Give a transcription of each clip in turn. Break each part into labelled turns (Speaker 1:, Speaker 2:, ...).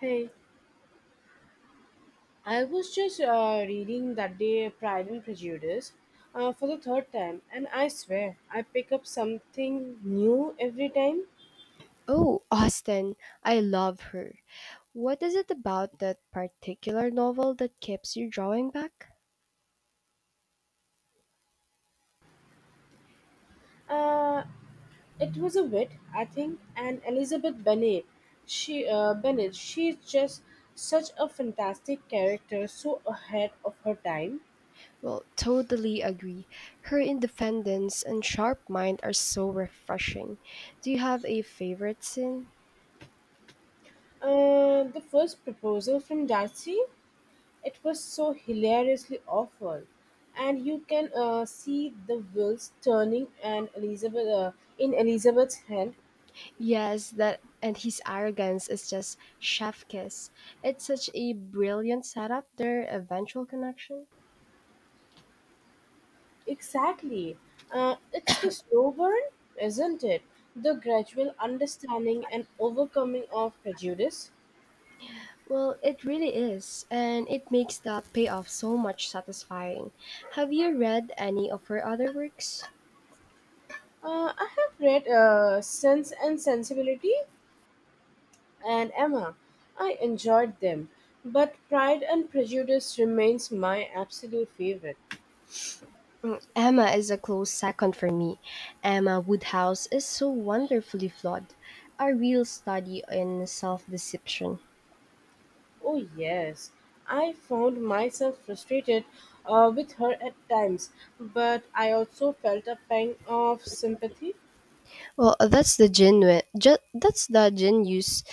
Speaker 1: Hey, I was just reading that day Pride and Prejudice for the third time, and I swear I pick up something new every time.
Speaker 2: Oh, Austen, I love her. What is it about that particular novel that keeps you drawing back?
Speaker 1: Uh, it was a wit, I think, and Elizabeth Bennet, she's just such a fantastic character, so ahead of her time.
Speaker 2: Well, totally agree. Her independence and sharp mind are so refreshing. Do you have a favorite scene?
Speaker 1: The first proposal from Darcy, it was so hilariously awful, and you can see the wheels turning and Elizabeth in Elizabeth's hand.
Speaker 2: Yes, that and his arrogance is just chef kiss. It's such a brilliant setup, their eventual connection.
Speaker 1: Exactly, it's the slow burn, isn't it? The gradual understanding and overcoming of prejudice.
Speaker 2: Well, it really is, and it makes the payoff so much satisfying. Have you read any of her other works?
Speaker 1: I have read Sense and Sensibility and Emma. I enjoyed them, but Pride and Prejudice remains my absolute favorite.
Speaker 2: Emma is a close second for me. Emma Woodhouse is so wonderfully flawed, a real study in self-deception.
Speaker 1: Oh, yes. I found myself frustrated with her at times, but I also felt a pang of sympathy.
Speaker 2: Well, that's the that's the genius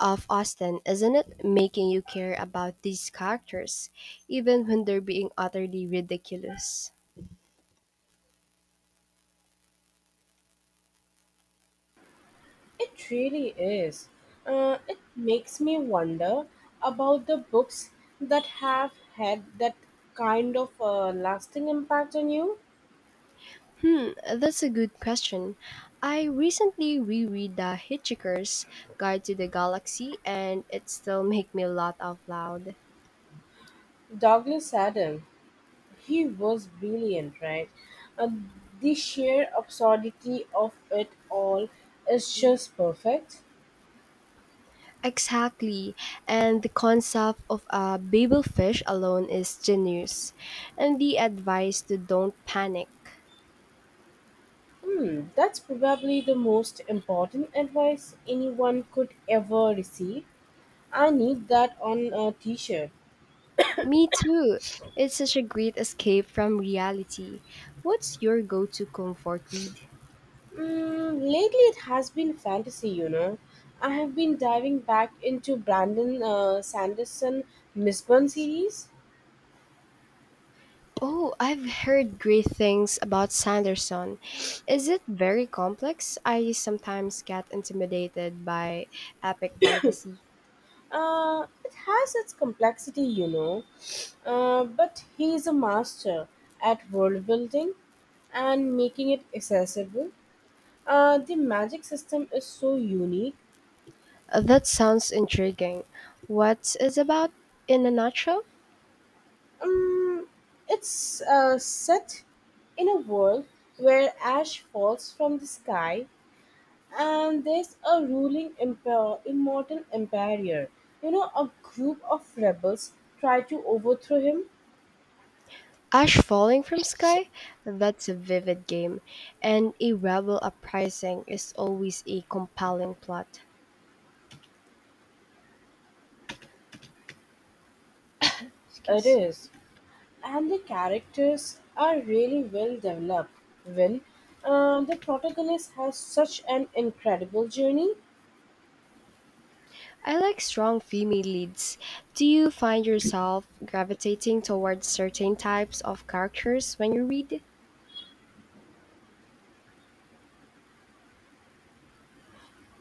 Speaker 2: of Austen, isn't it? Making you care about these characters, even when they're being utterly ridiculous.
Speaker 1: It really is. It makes me wonder about the books that have had that kind of lasting impact on you.
Speaker 2: Hmm, that's a good question. I recently reread The Hitchhiker's Guide to the Galaxy, and it still makes me laugh out loud.
Speaker 1: Douglas Adam, he was brilliant, right? Uh, the sheer absurdity of it all is just perfect.
Speaker 2: Exactly, and the concept of a babelfish alone is genius, and the advice to don't panic.
Speaker 1: Hmm, that's probably the most important advice anyone could ever receive. I need that on a t shirt.
Speaker 2: Me too. It's such a great escape from reality. What's your go-to comfort read?
Speaker 1: Mm, lately, it has been fantasy, you know. I have been diving back into Brandon Sanderson Misburn series.
Speaker 2: Oh, I've heard great things about Sanderson. Is it very complex? I sometimes get intimidated by epic fantasy.
Speaker 1: It has its complexity, you know, but he is a master at world building and making it accessible. The magic system is so unique.
Speaker 2: That sounds intriguing. What is about in a nutshell?
Speaker 1: Um, it's set in a world where ash falls from the sky, and there's a ruling emperor, immortal emperor. You know, a group of rebels try to overthrow him.
Speaker 2: Ash Falling from Sky? That's a vivid game, and a rebel uprising is always a compelling plot.
Speaker 1: It
Speaker 2: Excuse.
Speaker 1: is. And the characters are really well developed. Well, the protagonist has such an incredible journey.
Speaker 2: I like strong female leads. Do you find yourself gravitating towards certain types of characters when you read?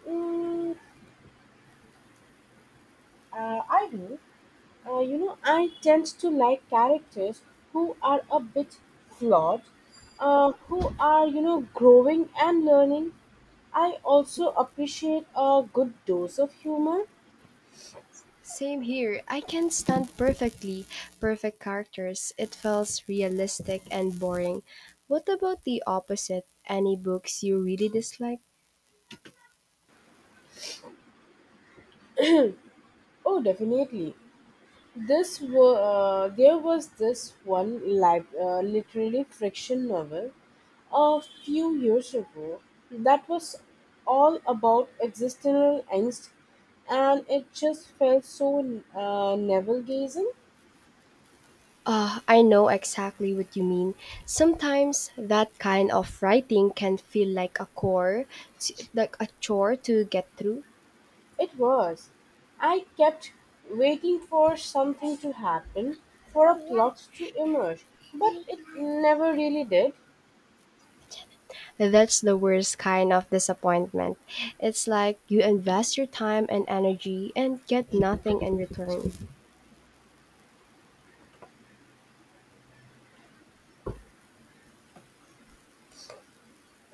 Speaker 1: Mm, I do. You know, I tend to like characters who are a bit flawed, who are, you know, growing and learning. I also appreciate a good dose of humor.
Speaker 2: Same here. I can stand perfectly perfect characters. It feels realistic and boring. What about the opposite? Any books you really dislike?
Speaker 1: Oh, definitely. There was this one literally friction novel a few years ago that was all about existential angst, and it just felt so navel gazing.
Speaker 2: I know exactly what you mean. Sometimes that kind of writing can feel like a chore, like a chore to get through.
Speaker 1: It was. I kept waiting for something to happen, for a plot to emerge, but it never really did.
Speaker 2: That's the worst kind of disappointment. It's like you invest your time and energy and get nothing in return.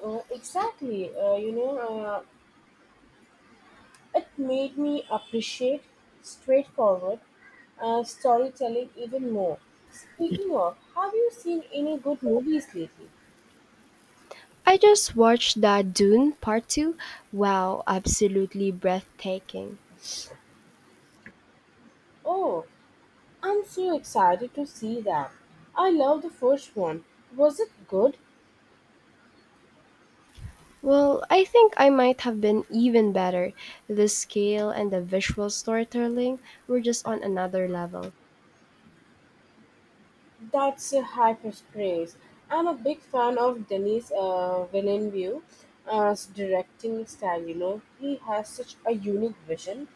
Speaker 1: Exactly. You know, it made me appreciate straightforward storytelling even more. Speaking of, have you seen any good movies lately?
Speaker 2: I just watched that Dune Part 2. Wow, absolutely breathtaking.
Speaker 1: Oh, I'm so excited to see that. I love the first one. Was it good?
Speaker 2: Well, I think I might have been even better. The scale and the visual storytelling were just on another level.
Speaker 1: That's a high praise. I'm a big fan of Denis Villeneuve's directing style. You know, he has such a unique vision.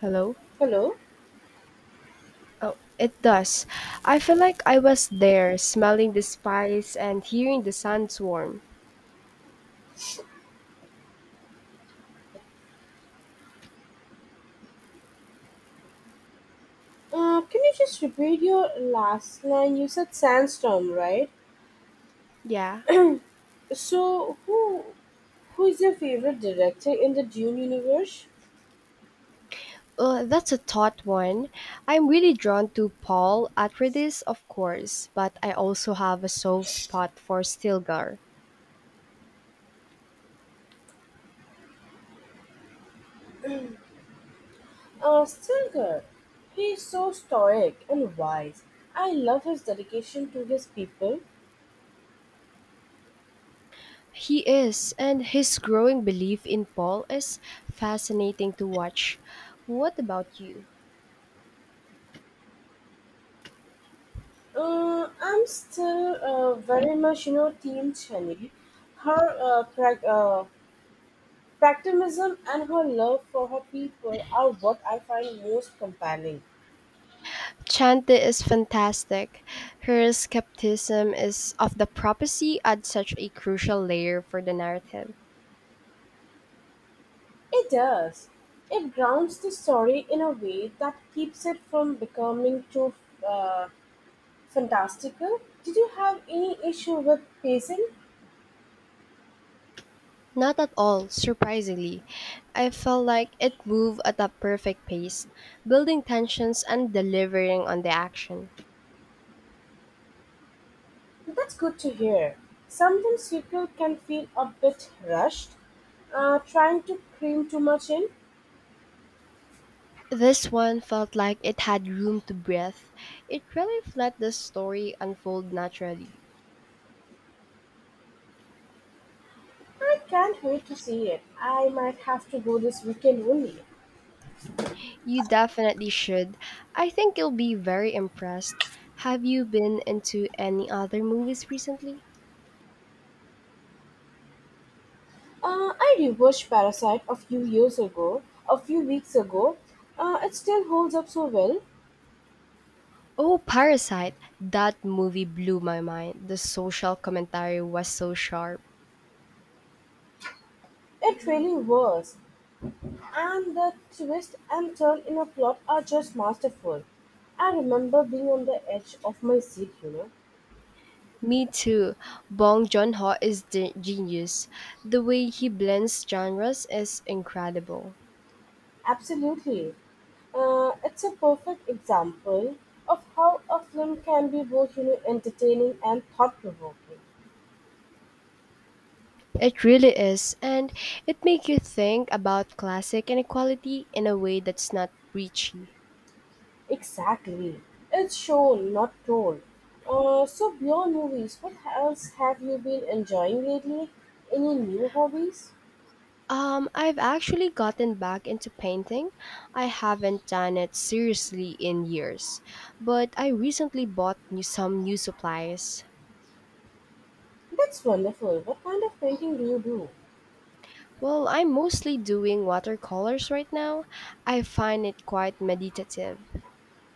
Speaker 2: Hello?
Speaker 1: Hello,
Speaker 2: Oh, it does. I feel like I was there, smelling the spice and hearing the sandstorm.
Speaker 1: can you just repeat your last line? You said Sandstorm, right?
Speaker 2: Yeah.
Speaker 1: So, who is your favorite director in the Dune universe?
Speaker 2: That's a taut one. I'm really drawn to Paul Atreides, of course, but I also have a soft spot for Stilgar.
Speaker 1: Stilgar. He's so stoic and wise. I love his dedication to his people.
Speaker 2: He is, and his growing belief in Paul is fascinating to watch. What about you?
Speaker 1: I'm still very much, you know, Team Chani. Her prac pragmatism and her love for her people are what I find most compelling.
Speaker 2: Chante is fantastic. Her skepticism is of the prophecy adds such a crucial layer for the narrative.
Speaker 1: It does. It grounds the story in a way that keeps it from becoming too uh, fantastical. Did you have any issue with pacing?
Speaker 2: Not at all, surprisingly. I felt like it moved at a perfect pace, building tensions and delivering on the action.
Speaker 1: That's good to hear. Sometimes people can feel a bit rushed, trying to cram too much in.
Speaker 2: This one felt like it had room to breathe. It really let the story unfold naturally.
Speaker 1: I can't wait to see it. I might have to go this weekend only.
Speaker 2: You definitely should. I think you'll be very impressed. Have you been into any other movies recently?
Speaker 1: I rewatched Parasite a few weeks ago. It still holds up so well.
Speaker 2: Oh, Parasite! That movie blew my mind. The social commentary was so sharp.
Speaker 1: It really was. And the twist and turn in a plot are just masterful. I remember being on the edge of my seat, you know.
Speaker 2: Me too. Bong Joon Ho is the genius. The way he blends genres is incredible.
Speaker 1: Absolutely. It's a perfect example of how a film can be both, you know, entertaining and thought provoking.
Speaker 2: It really is, and it makes you think about classic inequality in a way that's not preachy.
Speaker 1: Exactly. It's shown, not told. So, beyond movies, what else have you been enjoying lately? Any new hobbies?
Speaker 2: I've actually gotten back into painting. I haven't done it seriously in years, but I recently bought some new supplies.
Speaker 1: That's wonderful. What kind of painting do you do?
Speaker 2: Well, I'm mostly doing watercolors right now. I find it quite meditative.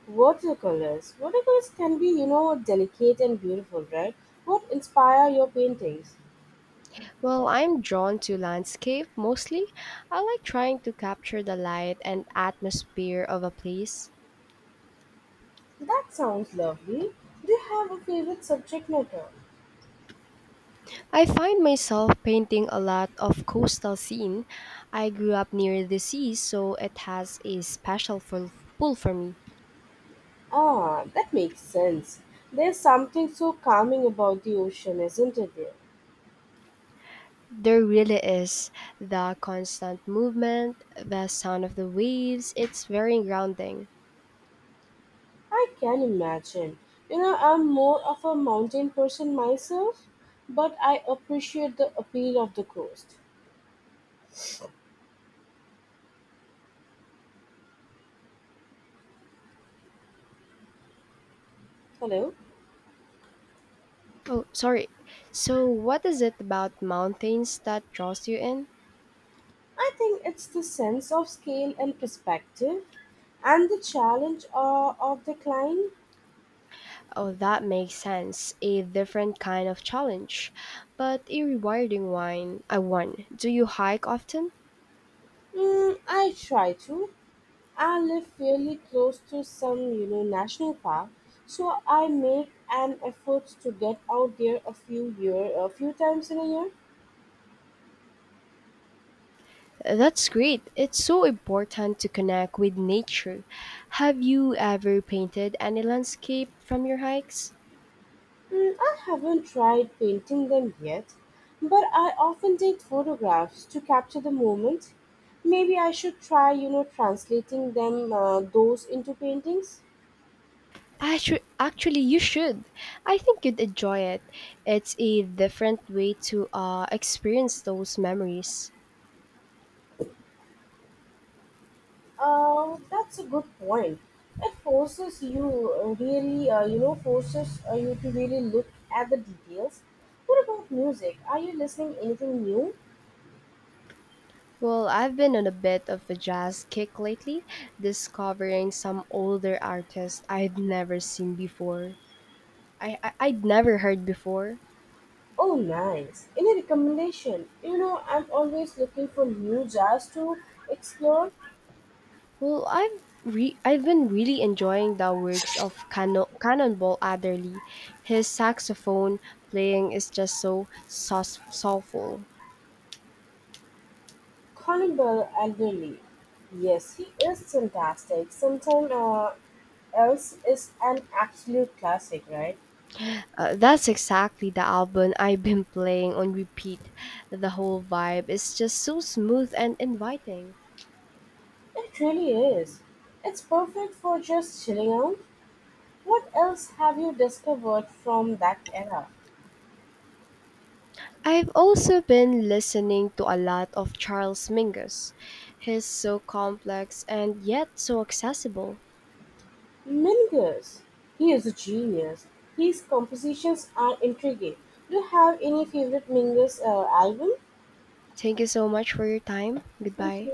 Speaker 1: Watercolors. Watercolors can be, you know, delicate and beautiful, right? What inspire your paintings?
Speaker 2: Well, I'm drawn to landscape mostly. I like trying to capture the light and atmosphere of a place.
Speaker 1: That sounds lovely. Do you have a favorite subject matter?
Speaker 2: I find myself painting a lot of coastal scene. I grew up near the sea, so it has a special pull for me.
Speaker 1: Ah, that makes sense. There's something so calming about the ocean, isn't it?
Speaker 2: There really is the constant movement, the sound of the waves. It's very grounding.
Speaker 1: I can imagine. You know, I'm more of a mountain person myself, but I appreciate the appeal of the coast. Hello?
Speaker 2: Oh, sorry. So, what is it about mountains that draws you in?
Speaker 1: I think it's the sense of scale and perspective and the challenge of the climb.
Speaker 2: Oh, that makes sense. A different kind of challenge, but a rewarding one. I won. Do you hike often?
Speaker 1: Mm, I try to. I live fairly close to some, you know, national park, so I make an effort to get out there a few times in a year.
Speaker 2: That's great. It's so important to connect with nature. Have you ever painted any landscape from your hikes?
Speaker 1: Mm, I haven't tried painting them yet, but I often take photographs to capture the moment. Maybe I should try, you know, translating them those into paintings.
Speaker 2: Actually, you should. I think you'd enjoy it. It's a different way to experience those memories.
Speaker 1: That's a good point. It forces you really, you know, forces you to really look at the details. What about music? Are you listening anything new?
Speaker 2: Well, I've been on a bit of a jazz kick lately, discovering some older artists I'd never seen before. I'd never heard before.
Speaker 1: Oh, nice. Any recommendation? You know, I'm always looking for new jazz to explore.
Speaker 2: Well, I've been really enjoying the works of Cannonball Adderley. His saxophone playing is just so soulful.
Speaker 1: Colin Bell elderly, yes he is fantastic. Sometime else is an absolute classic, right?
Speaker 2: That's exactly the album I've been playing on repeat. The whole vibe is just so smooth and inviting.
Speaker 1: It really is. It's perfect for just chilling out. What else have you discovered from that era?
Speaker 2: I've also been listening to a lot of Charles Mingus. He's so complex and yet so accessible.
Speaker 1: Mingus. He is a genius. His compositions are intriguing. Do you have any favorite Mingus album?
Speaker 2: Thank you so much for your time. Goodbye.